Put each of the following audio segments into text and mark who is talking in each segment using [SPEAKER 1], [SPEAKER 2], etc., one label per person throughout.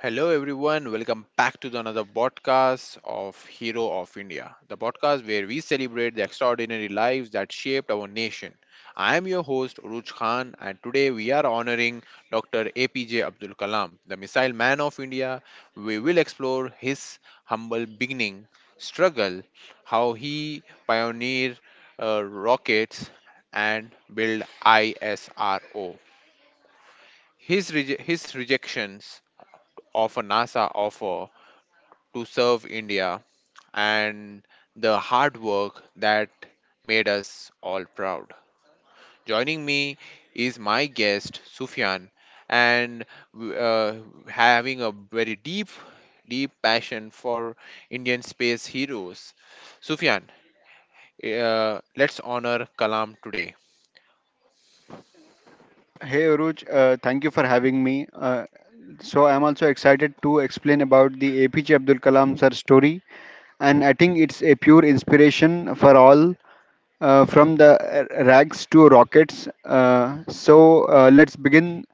[SPEAKER 1] Hello, everyone. Welcome back to the another podcast of Hero of India, the podcast where we celebrate the extraordinary lives that shaped our nation. I am your host, Uruj Khan, and today we are honoring Dr. APJ Abdul Kalam, the missile man of India. We will explore his humble beginning, struggle, how he pioneered rockets, and build ISRO. His rejections of a NASA offer to serve India and the hard work that made us all proud. Joining me is my guest, Sufyan, and uh, having a very deep passion for Indian space heroes. Sufyan, let's honor Kalam today.
[SPEAKER 2] Hey Uruj, thank you for having me. So I'm also excited to explain about the APJ Abdul Kalam sir story, and I think it's a pure inspiration for all, from the rags to rockets. So let's begin.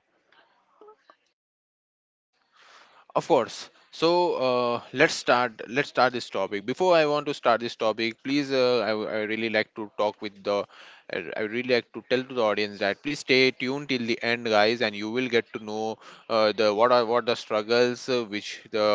[SPEAKER 1] Of course. So let's start. Let's start this topic. Before I want to start this topic, please, I really like to talk with the. I really like to tell to the audience that please stay tuned till the end, guys, and you will get to know the what are what the struggles which the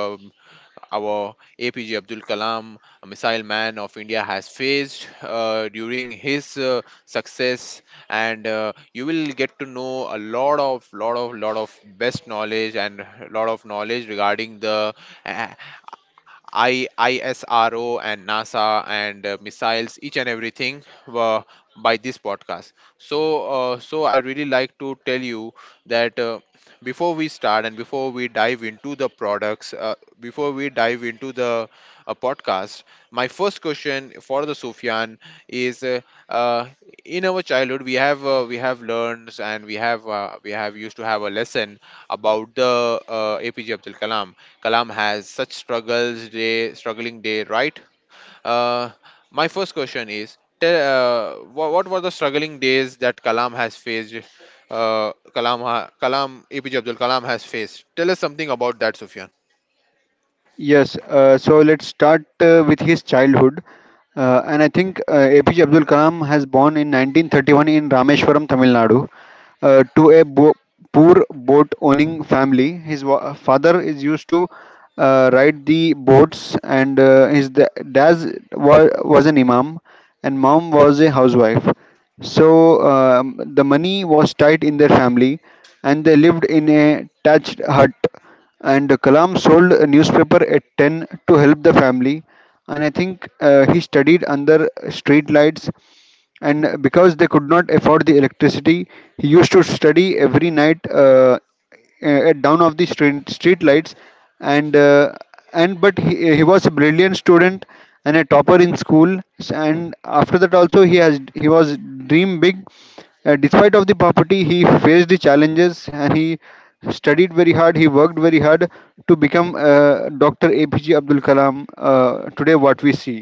[SPEAKER 1] our APJ Abdul Kalam, a missile man of India, has faced during his success, and you will get to know a lot of best knowledge and lot of knowledge regarding the uh, ISRO and NASA and missiles, each and everything were by this podcast. So, so I really like to tell you that before we start and before we dive into the products, before we dive into the podcast, my first question for the Sufyan is, uh, in our childhood we have learned and we have used to have a lesson about the APJ Abdul Kalam. Kalam has such struggles day, struggling day, right? uh, my first question is, what were the struggling days that Kalam has faced? Uh, kalam ha- kalam APJ Abdul Kalam has faced. Tell us something about that, Sufyan.
[SPEAKER 2] Yes, so let's start with his childhood. And I think APJ Abdul Kalam has born in 1931 in Rameshwaram, Tamil Nadu, to poor boat owning family. His father is used to ride the boats, and his dad was an imam, and mom was a housewife. So the money was tight in their family, and they lived in a thatched hut. And Kalam sold a newspaper at 10 to help the family, and I think he studied under street lights, and because they could not afford the electricity, he used to study every night at down of the street, street lights, and uh, and but he was a brilliant student and a topper in school. And after that also he was dream big, despite of the poverty. He faced the challenges and he studied very hard, he worked very hard to become Dr. APJ Abdul Kalam today what we see,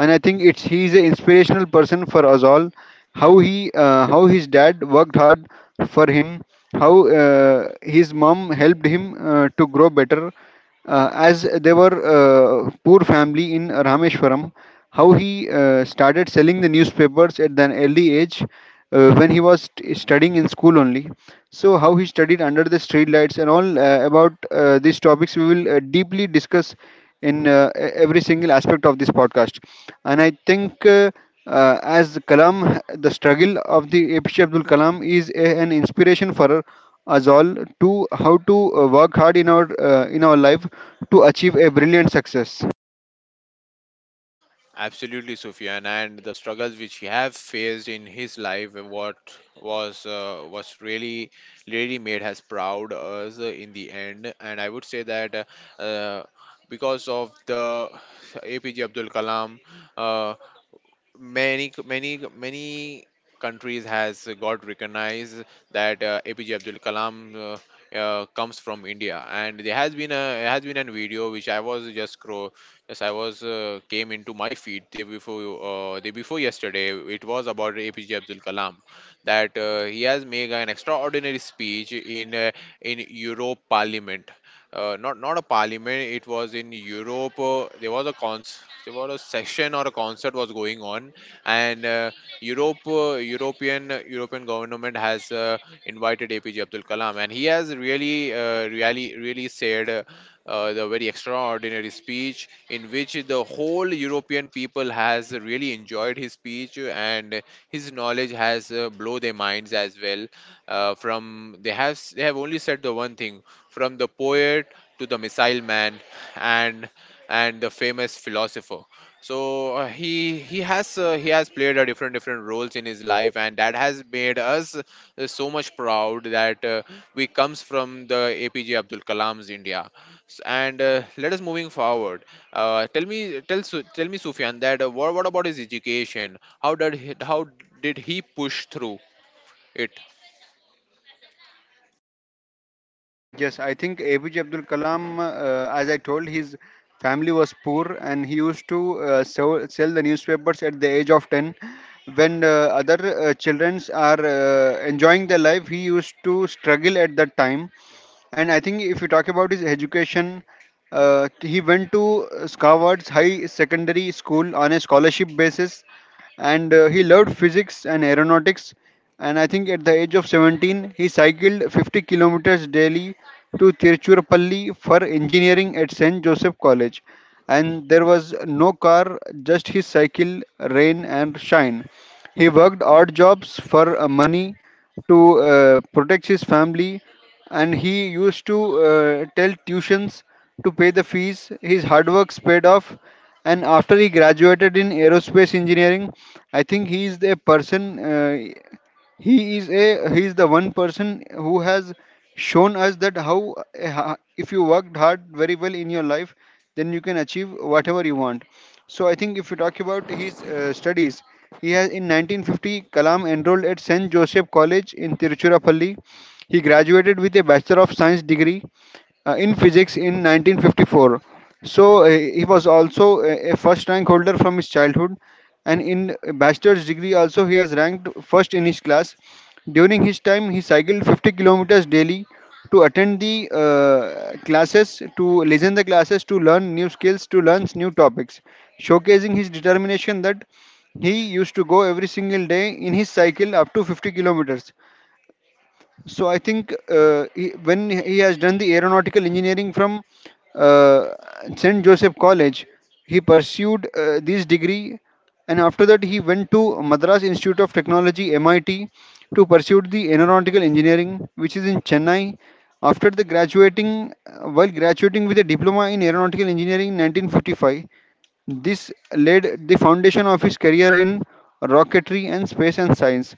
[SPEAKER 2] and I think it's he's an inspirational person for us all. How his dad worked hard for him, how his mom helped him to grow better, as they were poor family in Rameshwaram. How he started selling the newspapers at an early age, when he was studying in school only. So how he studied under the streetlights and all about these topics, we will deeply discuss in every single aspect of this podcast. And I think as Kalam, the struggle of the APJ Abdul Kalam is a, an inspiration for us all to how to work hard in our in our life to achieve a brilliant success.
[SPEAKER 1] Absolutely, Sufyan, and the struggles which he have faced in his life, what was really really made has proud us in the end. And I would say that uh, uh, because of the APJ Abdul Kalam, uh, many countries has got recognized that APJ Abdul Kalam comes from India, and there has been a video which I was just scroll, just I was came into my feed day before yesterday. It was about APJ Abdul Kalam that he has made an extraordinary speech in Europe Parliament. Not a parliament, it was in Europe. There was a session or a concert was going on, and European government has invited APJ Abdul Kalam, and he has really really said the very extraordinary speech in which the whole European people has really enjoyed his speech, and his knowledge has blow their minds as well. Uh, from they have s- they have only said the one thing, from the poet to the missile man and and the famous philosopher. So he has played a different roles in his life, and that has made us so much proud that we comes from the APJ Abdul Kalam's India. And let us moving forward. Tell me, tell me, Sufyan, that what about his education? How did he, how did he push through it?
[SPEAKER 2] Yes, I think APJ Abdul Kalam, as I told, his family was poor, and he used to sell the newspapers at the age of 10. When other children are enjoying their life, he used to struggle at that time. And I think if you talk about his education, he went to Scarward's High Secondary School on a scholarship basis, and he loved physics and aeronautics. And I think at the age of 17 he cycled 50 kilometers daily to Tiruchirappalli for engineering at St. Joseph College, and there was no car, just his cycle, rain and shine. He worked odd jobs for money to protect his family, and he used to tell tuitions to pay the fees. His hard work paid off, and after he graduated in aerospace engineering, I think he is the person. He is the one person who has shown us that how if you worked hard very well in your life, then you can achieve whatever you want. So I think if you talk about his studies, he has in 1950 Kalam enrolled at St. Joseph College in Tiruchirappalli. He graduated with a Bachelor of Science degree in physics in 1954. So he was also a first rank holder from his childhood, and in bachelor's degree also he has ranked first in his class. During his time, he cycled 50 kilometers daily to attend the classes, to listen the classes, to learn new skills, to learn new topics, showcasing his determination that he used to go every single day in his cycle up to 50 kilometers. So I think he, when he has done the aeronautical engineering from uh, St. Joseph College, he pursued this degree, and after that he went to Madras Institute of Technology MIT to pursue the aeronautical engineering, which is in Chennai. After the graduating, while graduating with a diploma in aeronautical engineering in 1955, this laid the foundation of his career in rocketry and space and science.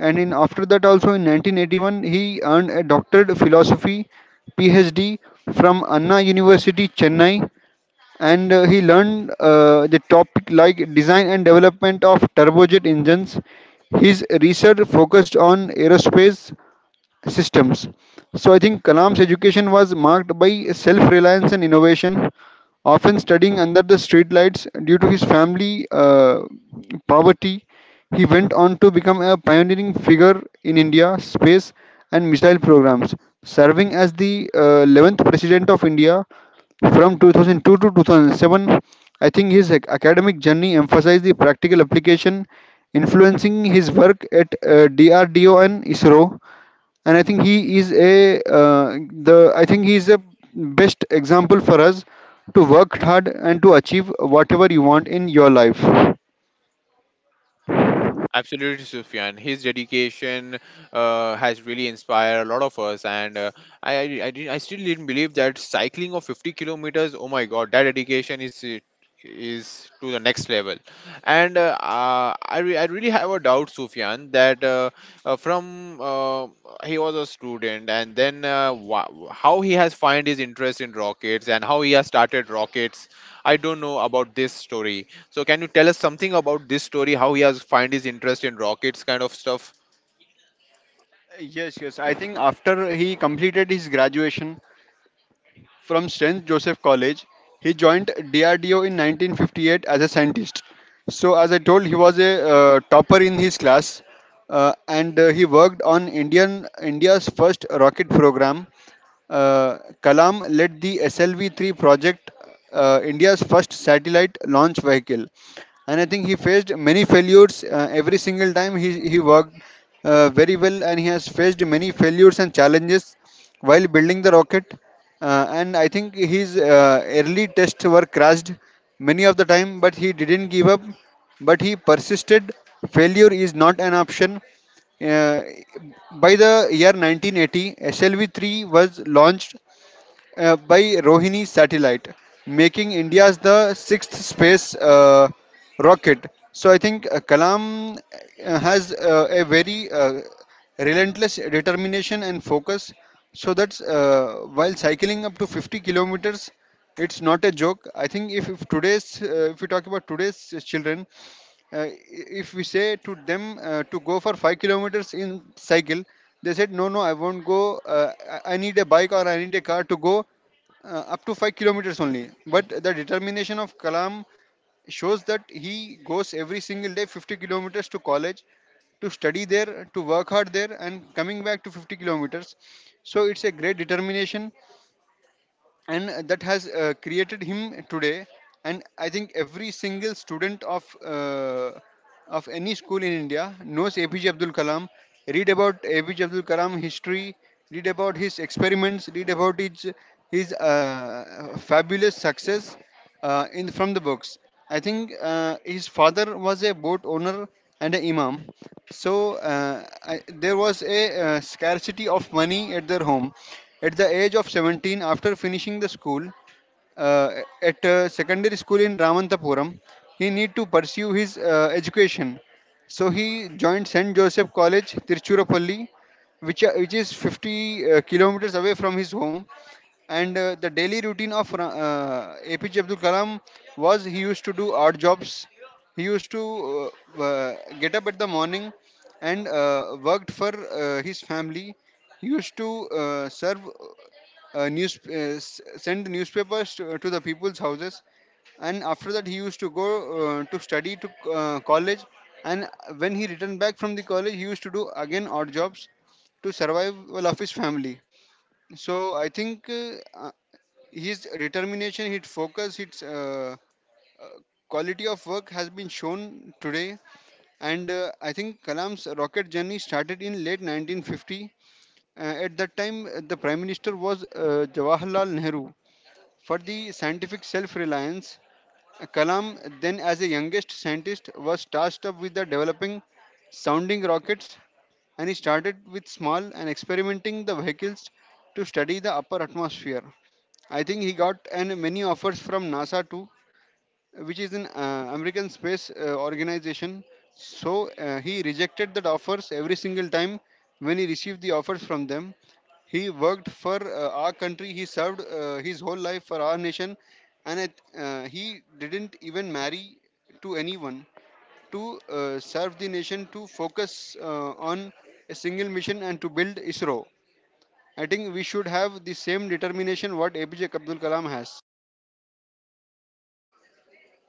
[SPEAKER 2] And in after that also, in 1981 he earned a doctorate of philosophy PhD from Anna University Chennai, and he learned the topic like design and development of turbojet engines. His research focused on aerospace systems. So I think Kalam's education was marked by self-reliance and innovation, often studying under the streetlights due to his family poverty. He went on to become a pioneering figure in India space and missile programs, serving as the 11th president of India from 2002 to 2007. I think his academic journey emphasized the practical application, influencing his work at DRDO and ISRO. And I think he is a the I think he is a best example for us to work hard and to achieve whatever you want in your life.
[SPEAKER 1] Absolutely, Sufyan. His dedication has really inspired a lot of us, and I still didn't believe that cycling of 50 kilometers. Oh my God, that dedication is to the next level. And I really have a doubt, Sufyan, that from he was a student, and then how he has find his interest in rockets and how he has started rockets. I don't know about this story. So can you tell us something about this story? How he has find his interest in rockets, kind of stuff?
[SPEAKER 2] Yes, yes. I think after he completed his graduation from St. Joseph College, he joined DRDO in 1958 as a scientist. So, as I told, he was a topper in his class, and he worked on Indian India's first rocket program. Uh, Kalam led the SLV 3 project, India's first satellite launch vehicle, and I think he faced many failures every single time he worked very well, and he has faced many failures and challenges while building the rocket and I think his early tests were crashed many of the time, but he didn't give up, but he persisted. Failure is not an option. Uh, by the year 1980, SLV-3 was launched by Rohini satellite, making India's the sixth space rocket. So I think Kalam has a very relentless determination and focus. So that's while cycling up to 50 kilometers, it's not a joke. I think if we talk about today's children, if we say to them to go for 5 kilometers in cycle, they said no no I won't go I need a bike or I need a car to go up to 5 kilometers only. But the determination of Kalam shows that he goes every single day 50 kilometers to college, to study there, to work hard there, and coming back to 50 kilometers. So it's a great determination, and that has created him today. And I think every single student of any school in India knows APJ Abdul Kalam, read about APJ Abdul Kalam history, read about his experiments, read about his his uh, fabulous success in from the books. I think his father was a boat owner and an imam. So I, there was a scarcity of money at their home. At the age of 17, after finishing the school uh, at a secondary school in Ramantapuram, he need to pursue his education. So he joined St. Joseph College, Tiruchirappalli, which is 50 kilometers away from his home. And the daily routine of APJ Abdul Kalam was he used to do odd jobs. He used to get up at the morning and worked for his family. He used to serve news, send newspapers to the people's houses. And after that, he used to go to study to college. And when he returned back from the college, he used to do again odd jobs to survival of his family. So I think uh, his determination, his focus, his uh, quality of work has been shown today. And I think Kalam's rocket journey started in late 1950. At that time, the Prime Minister was Jawaharlal Nehru. For the scientific self reliance, Kalam, then as a youngest scientist, was tasked up with the developing sounding rockets, and he started with small and experimenting the vehicles to study the upper atmosphere. I think he got and many offers from NASA too, which is an American space organization. So he rejected that offers every single time when he received the offers from them. He worked for our country. He served his whole life for our nation, and it, he didn't even marry to anyone to serve the nation, to focus on a single mission and to build ISRO. I think we should have the same determination what APJ Abdul Kalam has.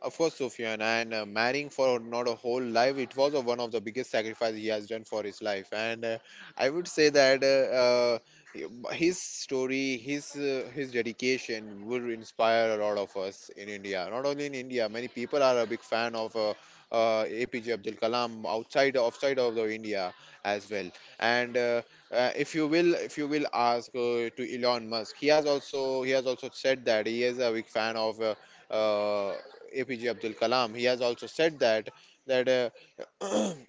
[SPEAKER 1] Of course, Sufyan, and marrying for not a whole life, it was one of the biggest sacrifice he has done for his life. And I would say that his story, his dedication would inspire a lot of us in India. Not only in India, many people are a big fan of APJ Abdul Kalam outside of the India as well. And if you will ask to Elon Musk, he has also said that he is a big fan of. Uh, APJ Abdul Kalam. He has also said that that uh,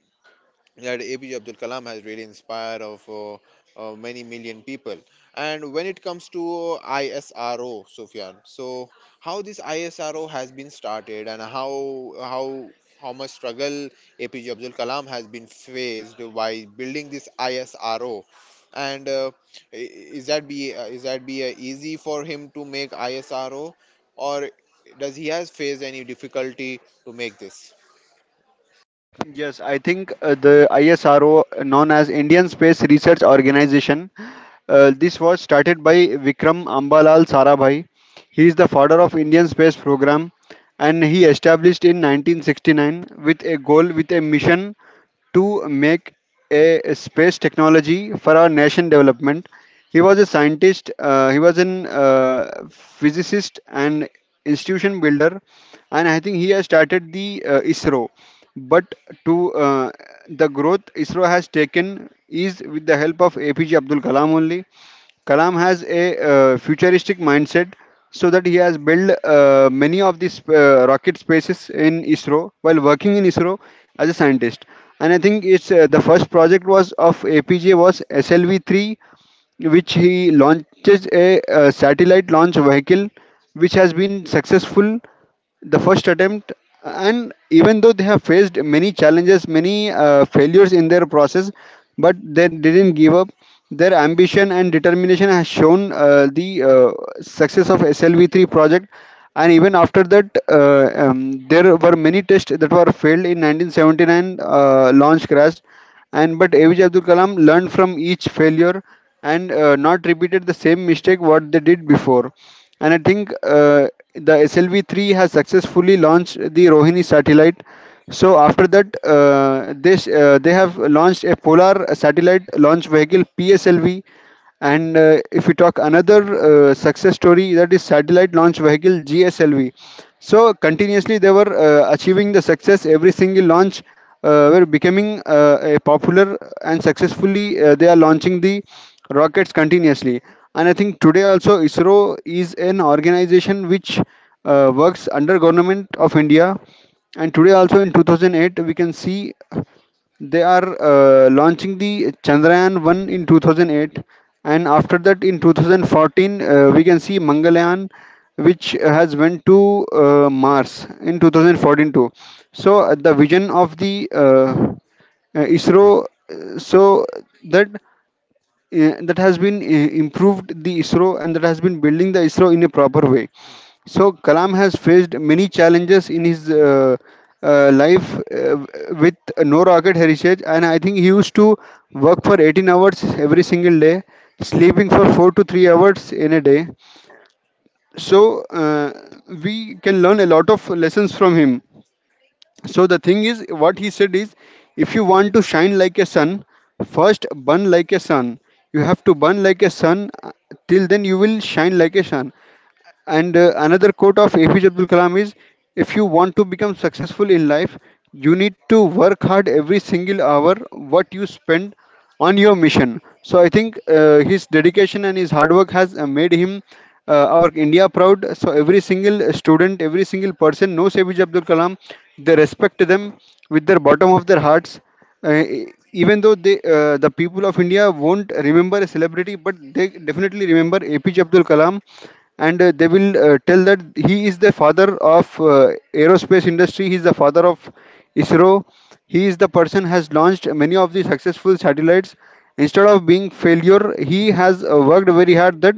[SPEAKER 1] that APJ Abdul Kalam has really inspired of many million people. And when it comes to ISRO, Sufyan, so how this ISRO has been started and how much struggle APJ Abdul Kalam has been faced by building this ISRO, and i- is that be easy for him to make ISRO, or does he has faced any difficulty to make this?
[SPEAKER 2] Yes, I think the ISRO, known as Indian Space Research Organization, this was started by Vikram Ambalal Sarabhai. He is the father of Indian space program, and he established in 1969 with a goal with a mission to make a space technology for our nation development. He was a scientist, he was an physicist and institution builder, and I think he has started the ISRO. But to the growth ISRO has taken is with the help of APJ Abdul Kalam only. Kalam has a futuristic mindset, so that he has built many of these rocket spaces in ISRO while working in ISRO as a scientist. And I think it's the first project was of APJ was SLV three which he launches a satellite launch vehicle which has been successful the first attempt, and even though they have faced many challenges, many failures in their process, but they didn't give up. Their ambition and determination has shown the success of SLV-3 project. And even after that there were many tests that were failed in 1979 launch crash. And but APJ Abdul Kalam learned from each failure and not repeated the same mistake what they did before. And I think the SLV three has successfully launched the Rohini satellite. So after that, this they have launched a polar satellite launch vehicle, PSLV, and if we talk another success story, that is satellite launch vehicle GSLV. So continuously they were achieving the success. Every single launch were becoming a popular and successfully they are launching the rockets continuously. And I think today also ISRO is an organization which works under government of India. And today also in 2008 we can see they are launching the Chandrayaan 1 in 2008, and after that, in 2014, we can see Mangalyaan, which has went to Mars in 2014 too. So the vision of the ISRO, uh, so that that has been improved the ISRO and that has been building the ISRO in a proper way. So Kalam has faced many challenges in his life with no rocket heritage, and I think he used to work for 18 hours every single day, sleeping for 4 to 3 hours in a day. So we can learn a lot of lessons from him. So the thing is, what he said is, if you want to shine like a sun, first burn like a sun. You have to burn like a sun. Till then, you will shine like a sun. And another quote of APJ Abdul Kalam is, if you want to become successful in life, you need to work hard every single hour what you spend on your mission. So I think his dedication and his hard work has made him our India proud. So every single student, every single person knows APJ Abdul Kalam. They respect them with their bottom of their hearts, uh, e- even though they, the people of India won't remember a celebrity, but they definitely remember APJ Abdul Kalam, and they will tell that he is the father of aerospace industry. He is the father of ISRO. He is the person has launched many of the successful satellites. Instead of being failure, he has worked very hard that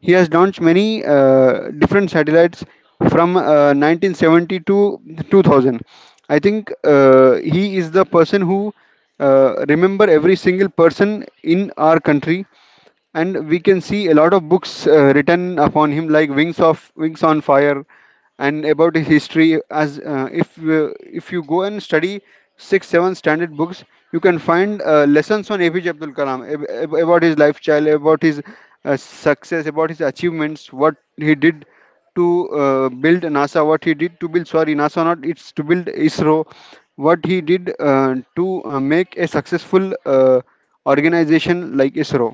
[SPEAKER 2] he has launched many different satellites from 1970 to 2000. I think he is the person who remember every single person in our country, and we can see a lot of books written upon him like wings on fire, and about his history. As if If you go and study 6 7 standard books, you can find lessons on APJ Abdul Kalam, about his lifestyle, about his success, about his achievements, what he did to build NASA, what he did to build, sorry, NASA not, it's to build ISRO, what he did to make a successful uh, organization like ISRO.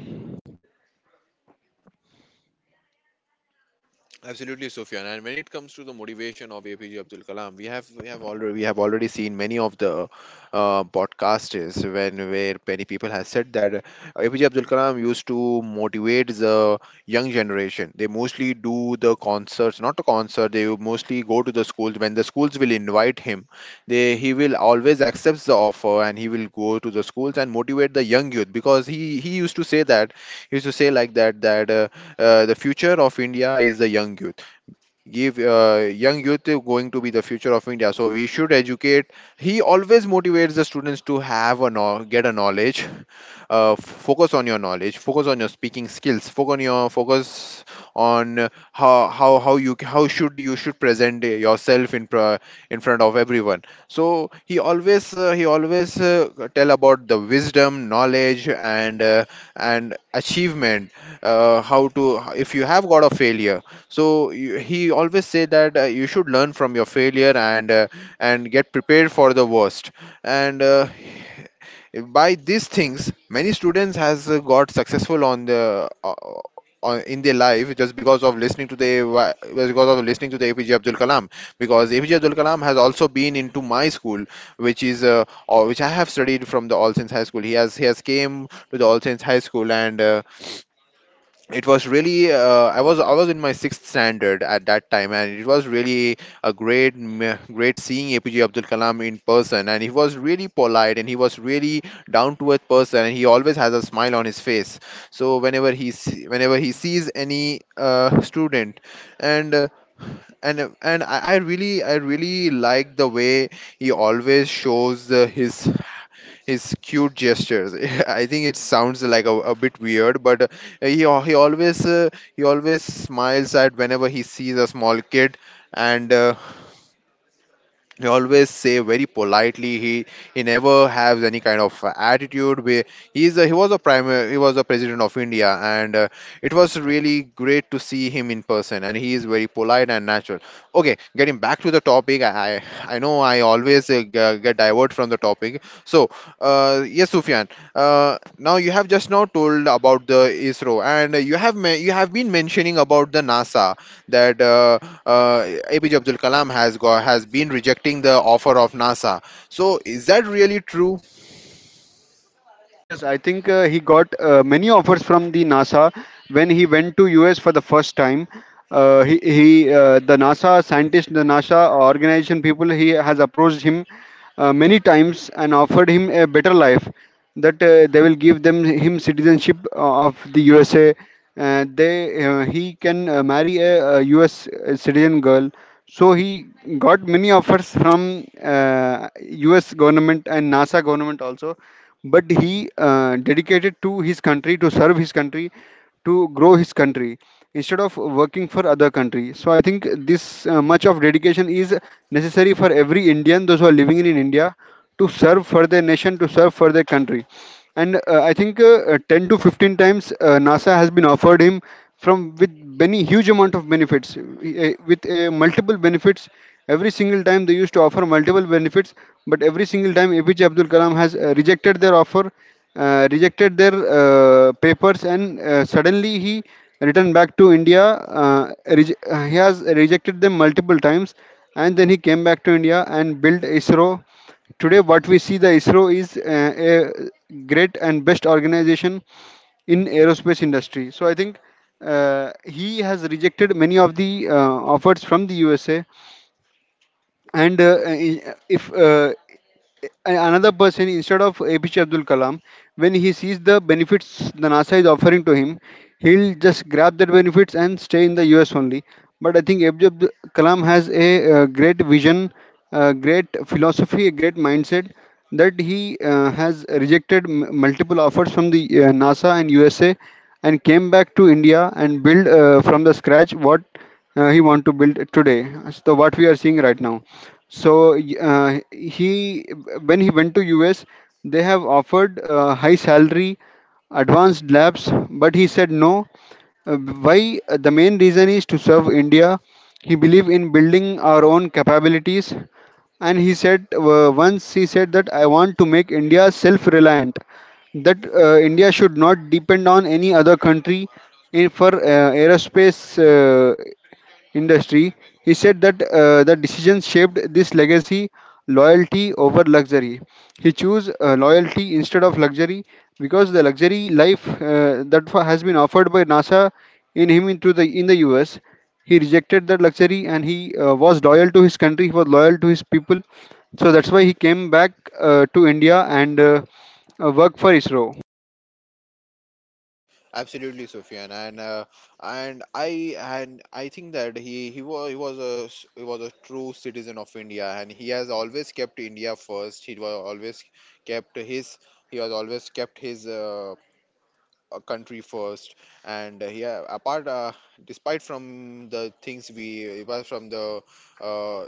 [SPEAKER 1] Absolutely, Sufyan. And when it comes to the motivation of APJ Abdul Kalam, we have already seen many of the podcasters when where many people have said that APJ Abdul Kalam used to motivate the young generation. They mostly do the concerts, not a concert. They mostly go to the schools. When the schools will invite him, they he will always accepts the offer and he will go to the schools and motivate the young youth, because he used to say that he used to say like that that. The future of India is the young youth. Give young youth is going to be the future of India. So we should educate. He always motivates the students to have a know- get a knowledge, focus on your knowledge, focus on your speaking skills, focus on your focus on how you how should you should present yourself in pro- in front of everyone. So he always tell about the wisdom, knowledge and achievement, how to if you have got a failure, so you, he always say that you should learn from your failure and get prepared for the worst. And by these things many students has got successful on the on, in their life, just because of listening to the APJ Abdul Kalam, because APJ Abdul Kalam has also been into my school, which is or which I have studied from, the All Saints High School. He has came to the All Saints High School, and it was really I was in my sixth standard at that time, and it was really a great great seeing APJ Abdul Kalam in person, and he was really polite and he was really down to earth person, and he always has a smile on his face. So whenever he sees any student, and and I really like the way he always shows his cute gestures. I think it sounds like a bit weird, but he always he always smiles at whenever he sees a small kid, and he always say very politely he never has any kind of attitude where he was a president of India, and it was really great to see him in person, and he is very polite and natural. Okay, getting back to the topic, I know I always get divert from the topic. So yes, Sufyan, uh, now you have just now told about the ISRO and you have been mentioning about the NASA, that uh, APJ Abdul Kalam has got has been rejecting the offer of NASA. So is that really true?
[SPEAKER 2] Yes, I think he got many offers from the NASA when he went to US for the first time. He The NASA scientist, the NASA organization people, he has approached him many times and offered him a better life, that they will give them him citizenship of the USA. They He can marry US citizen girl. So he got many offers from US government and NASA government also, but he dedicated to his country, to serve his country, to grow his country, instead of working for other country. So I think this much of dedication is necessary for every Indian those who are living in India, to serve for their nation, to serve for their country. And I think 10 to 15 times NASA has been offered him, from with many huge amount of benefits, with multiple benefits. Every single time they used to offer multiple benefits, but every single time APJ Abdul Kalam has rejected their offer, rejected their papers, and suddenly he returned back to India. He has rejected them multiple times, and then he came back to India and built ISRO. Today, what we see the ISRO is a great and best organization in aerospace industry. So I think he has rejected many of the offers from the USA. And I- if a- Another person instead of APJ Abdul Kalam, when he sees the benefits the NASA is offering to him, he'll just grab that benefits and stay in the US only. But I think APJ Abdul Kalam has a great vision, a great philosophy, a great mindset, that he has rejected multiple offers from the NASA and USA, and came back to India and build from the scratch what he want to build today. So what we are seeing right now. He, when he went to US, they have offered high salary, advanced labs, but he said no. Why? The main reason is to serve India. He believed in building our own capabilities, and he said once he said that, I want to make India self-reliant. That India should not depend on any other country for aerospace industry. He said that the decision shaped this legacy, loyalty over luxury. He chose loyalty instead of luxury, because the luxury life has been offered by NASA in him into the in the US. He rejected that luxury, and he was loyal to his country. He was loyal to his people, so that's why he came back to India and worked for ISRO.
[SPEAKER 1] Absolutely, Sufyan, and I and I think that he was a true citizen of India, and he has always kept India first. He was always kept his he has always kept his country first, and he ha- apart despite from the things we apart from the uh,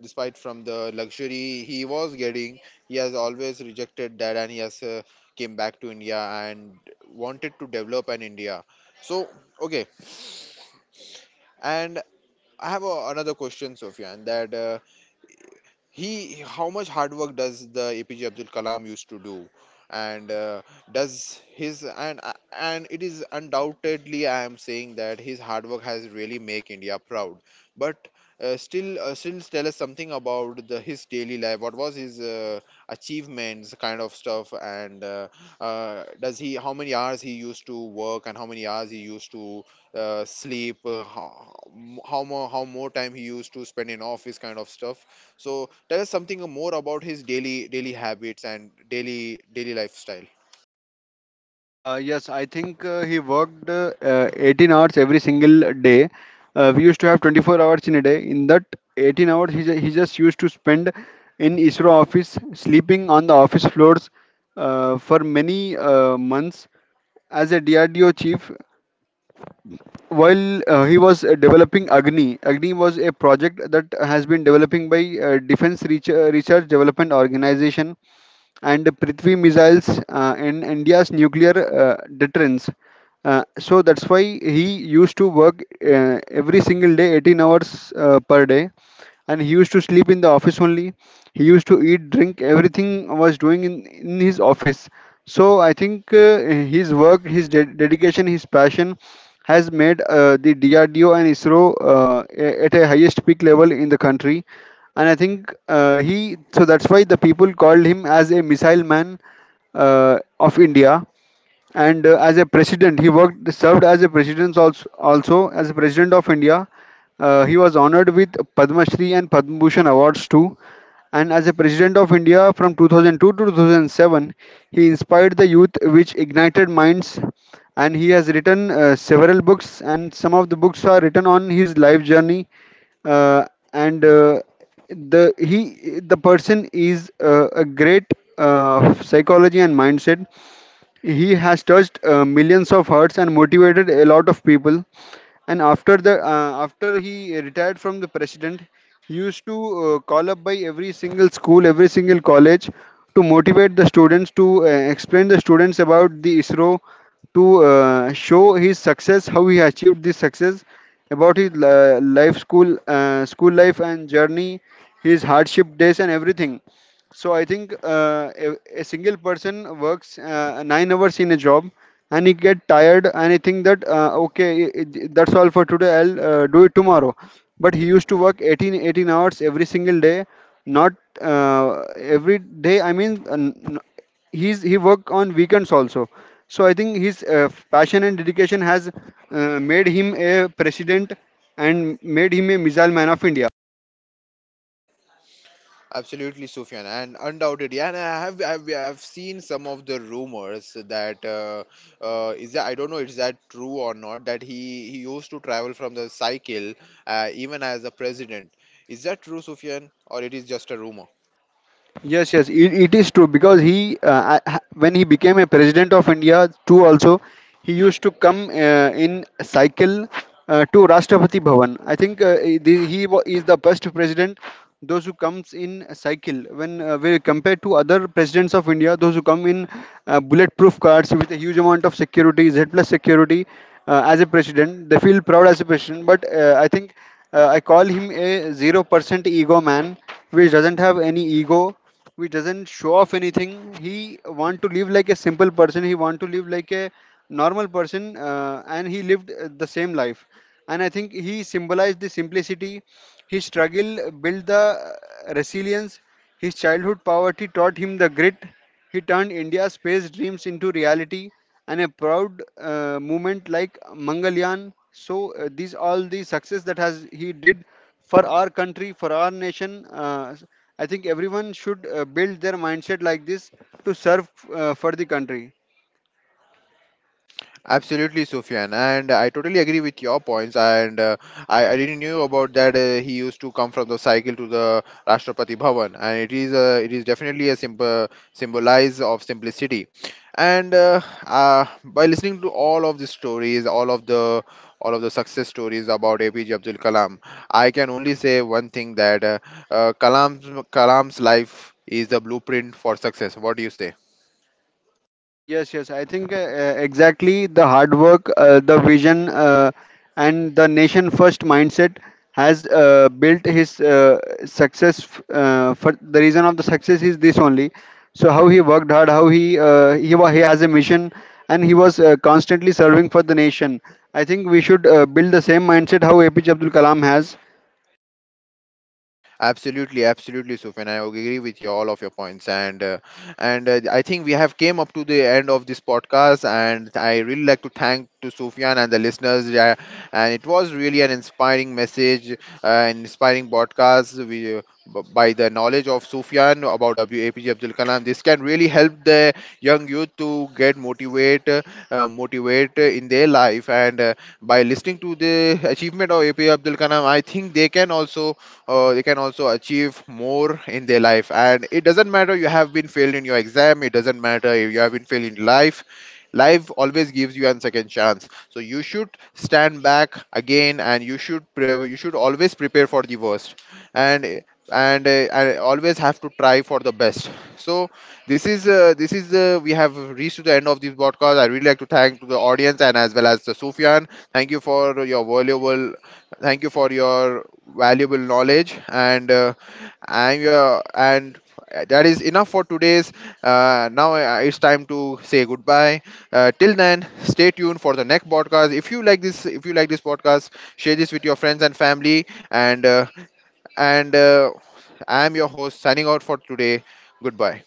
[SPEAKER 1] despite from the luxury he was getting, he has always rejected that, and he has came back to India and wanted to develop an India. So okay. And I have another question, Sofyan, that he how much hard work does the APJ Abdul Kalam used to do, and does his and it is undoubtedly I am saying that his hard work has really make India proud. But still tell us something about the his daily life, what was his achievements kind of stuff. And does he how many hours he used to work, and how many hours he used to sleep, how more time he used to spend in office kind of stuff? So tell us something more about his daily habits and daily lifestyle.
[SPEAKER 2] Yes, I think he worked 18 hours every single day. We used to have 24 hours in a day. In that 18 hours, he just used to spend in ISRO office, sleeping on the office floors for many months as a DRDO chief. While he was developing Agni, Agni was a project that has been developing by Research Development Organization, and Prithvi missiles, and India's nuclear deterrence. So that's why he used to work every single day, 18 hours per day, and he used to sleep in the office only. He used to eat, drink, everything was doing in his office. So I think his work, his dedication, his passion has made the DRDO and ISRO at a highest peak level in the country. And I think he so that's why the people called him as a missile man of India. And as a president he worked served as a president, also also as a president of India. He was honored with Padma Shri and Padma Bhushan awards too, and as a president of India from 2002 to 2007 he inspired the youth, which ignited minds, and he has written several books, and some of the books are written on his life journey. Uh, and uh, the he the person is a great psychology and mindset. He has touched millions of hearts and motivated a lot of people. And after he retired from the president, he used to call up by every single school, every single college to motivate the students, to explain the students about the ISRO, to show his success, how he achieved this success, about his school life and journey, his hardship days and everything. So I think a single person works 9 hours in a job, and he get tired, and he think that okay, that's all for today. I'll do it tomorrow. But he used to work eighteen hours every single day, not every day. I mean, he's he work on weekends also. So I think his passion and dedication has made him a president, and made him a missile man of India.
[SPEAKER 1] Absolutely, Sufyan, and undoubtedly, and I have I've seen some of the rumors that is that I don't know is that true or not, that he used to travel from the cycle even as a president. Is that true, Sufyan, or it is just a rumor?
[SPEAKER 2] Yes, yes, it is true because he, when he became a president of India, too, also, he used to come in cycle to Rashtrapati Bhavan. I think he is the first president, those who comes in cycle. When we compare to other presidents of India, those who come in bulletproof cars with a huge amount of security, Z plus security, as a president, they feel proud as a president. But I call him a 0% ego man, which doesn't have any ego, which doesn't show off anything. He want to live like a simple person. He want to live like a normal person, and he lived the same life. And I think he symbolized the simplicity. His struggle built the resilience. His childhood poverty taught him the grit. He turned India's space dreams into reality, and a proud movement like Mangalyaan. So these all the success that has he did for our country, for our nation. I think everyone should build their mindset like this, to serve for the country.
[SPEAKER 1] Absolutely, Sufyan, and I totally agree with your points. And I didn't knew about that. He used to come from the cycle to the Rashtrapati Bhavan, and it is it is definitely a simple symbolize of simplicity. And by listening to all of the stories, all of the success stories about APJ Abdul Kalam, I can only say one thing, that uh, Kalam's Kalam's life is the blueprint for success. What do you say?
[SPEAKER 2] Yes, yes. I think exactly the hard work, the vision, and the nation first mindset has built his success. For the reason of the success is this only. So how he worked hard, how he he has a mission, and he was constantly serving for the nation. I think we should build the same mindset how APJ Abdul Kalam has,
[SPEAKER 1] Absolutely, absolutely, Sufyan. I agree with you all of your points, and I think we have came up to the end of this podcast, and I really like to thank to Sufyan and the listeners. Yeah, and it was really an inspiring message, an inspiring podcast. We, by the knowledge of Sufyan about APJ Abdul Kalam, this can really help the young youth to get motivate, motivate in their life. And by listening to the achievement of APJ Abdul Kalam, I think they can also achieve more in their life. And it doesn't matter you have been failed in your exam, it doesn't matter if you have been failed in life, life always gives you a second chance. So you should stand back again, and you should you should always prepare for the worst, and and uh, and always have to try for the best. So this is we have reached to the end of this podcast. I really like to thank to the audience and as well as the Sufyan. Thank you for your valuable. Thank you for your valuable knowledge, and I'm your and that is enough for today's. Now it's time to say goodbye. Till then, stay tuned for the next podcast. If you like this, if you like this podcast, share this with your friends and family. And and uh, I'm your host signing out for today. Goodbye.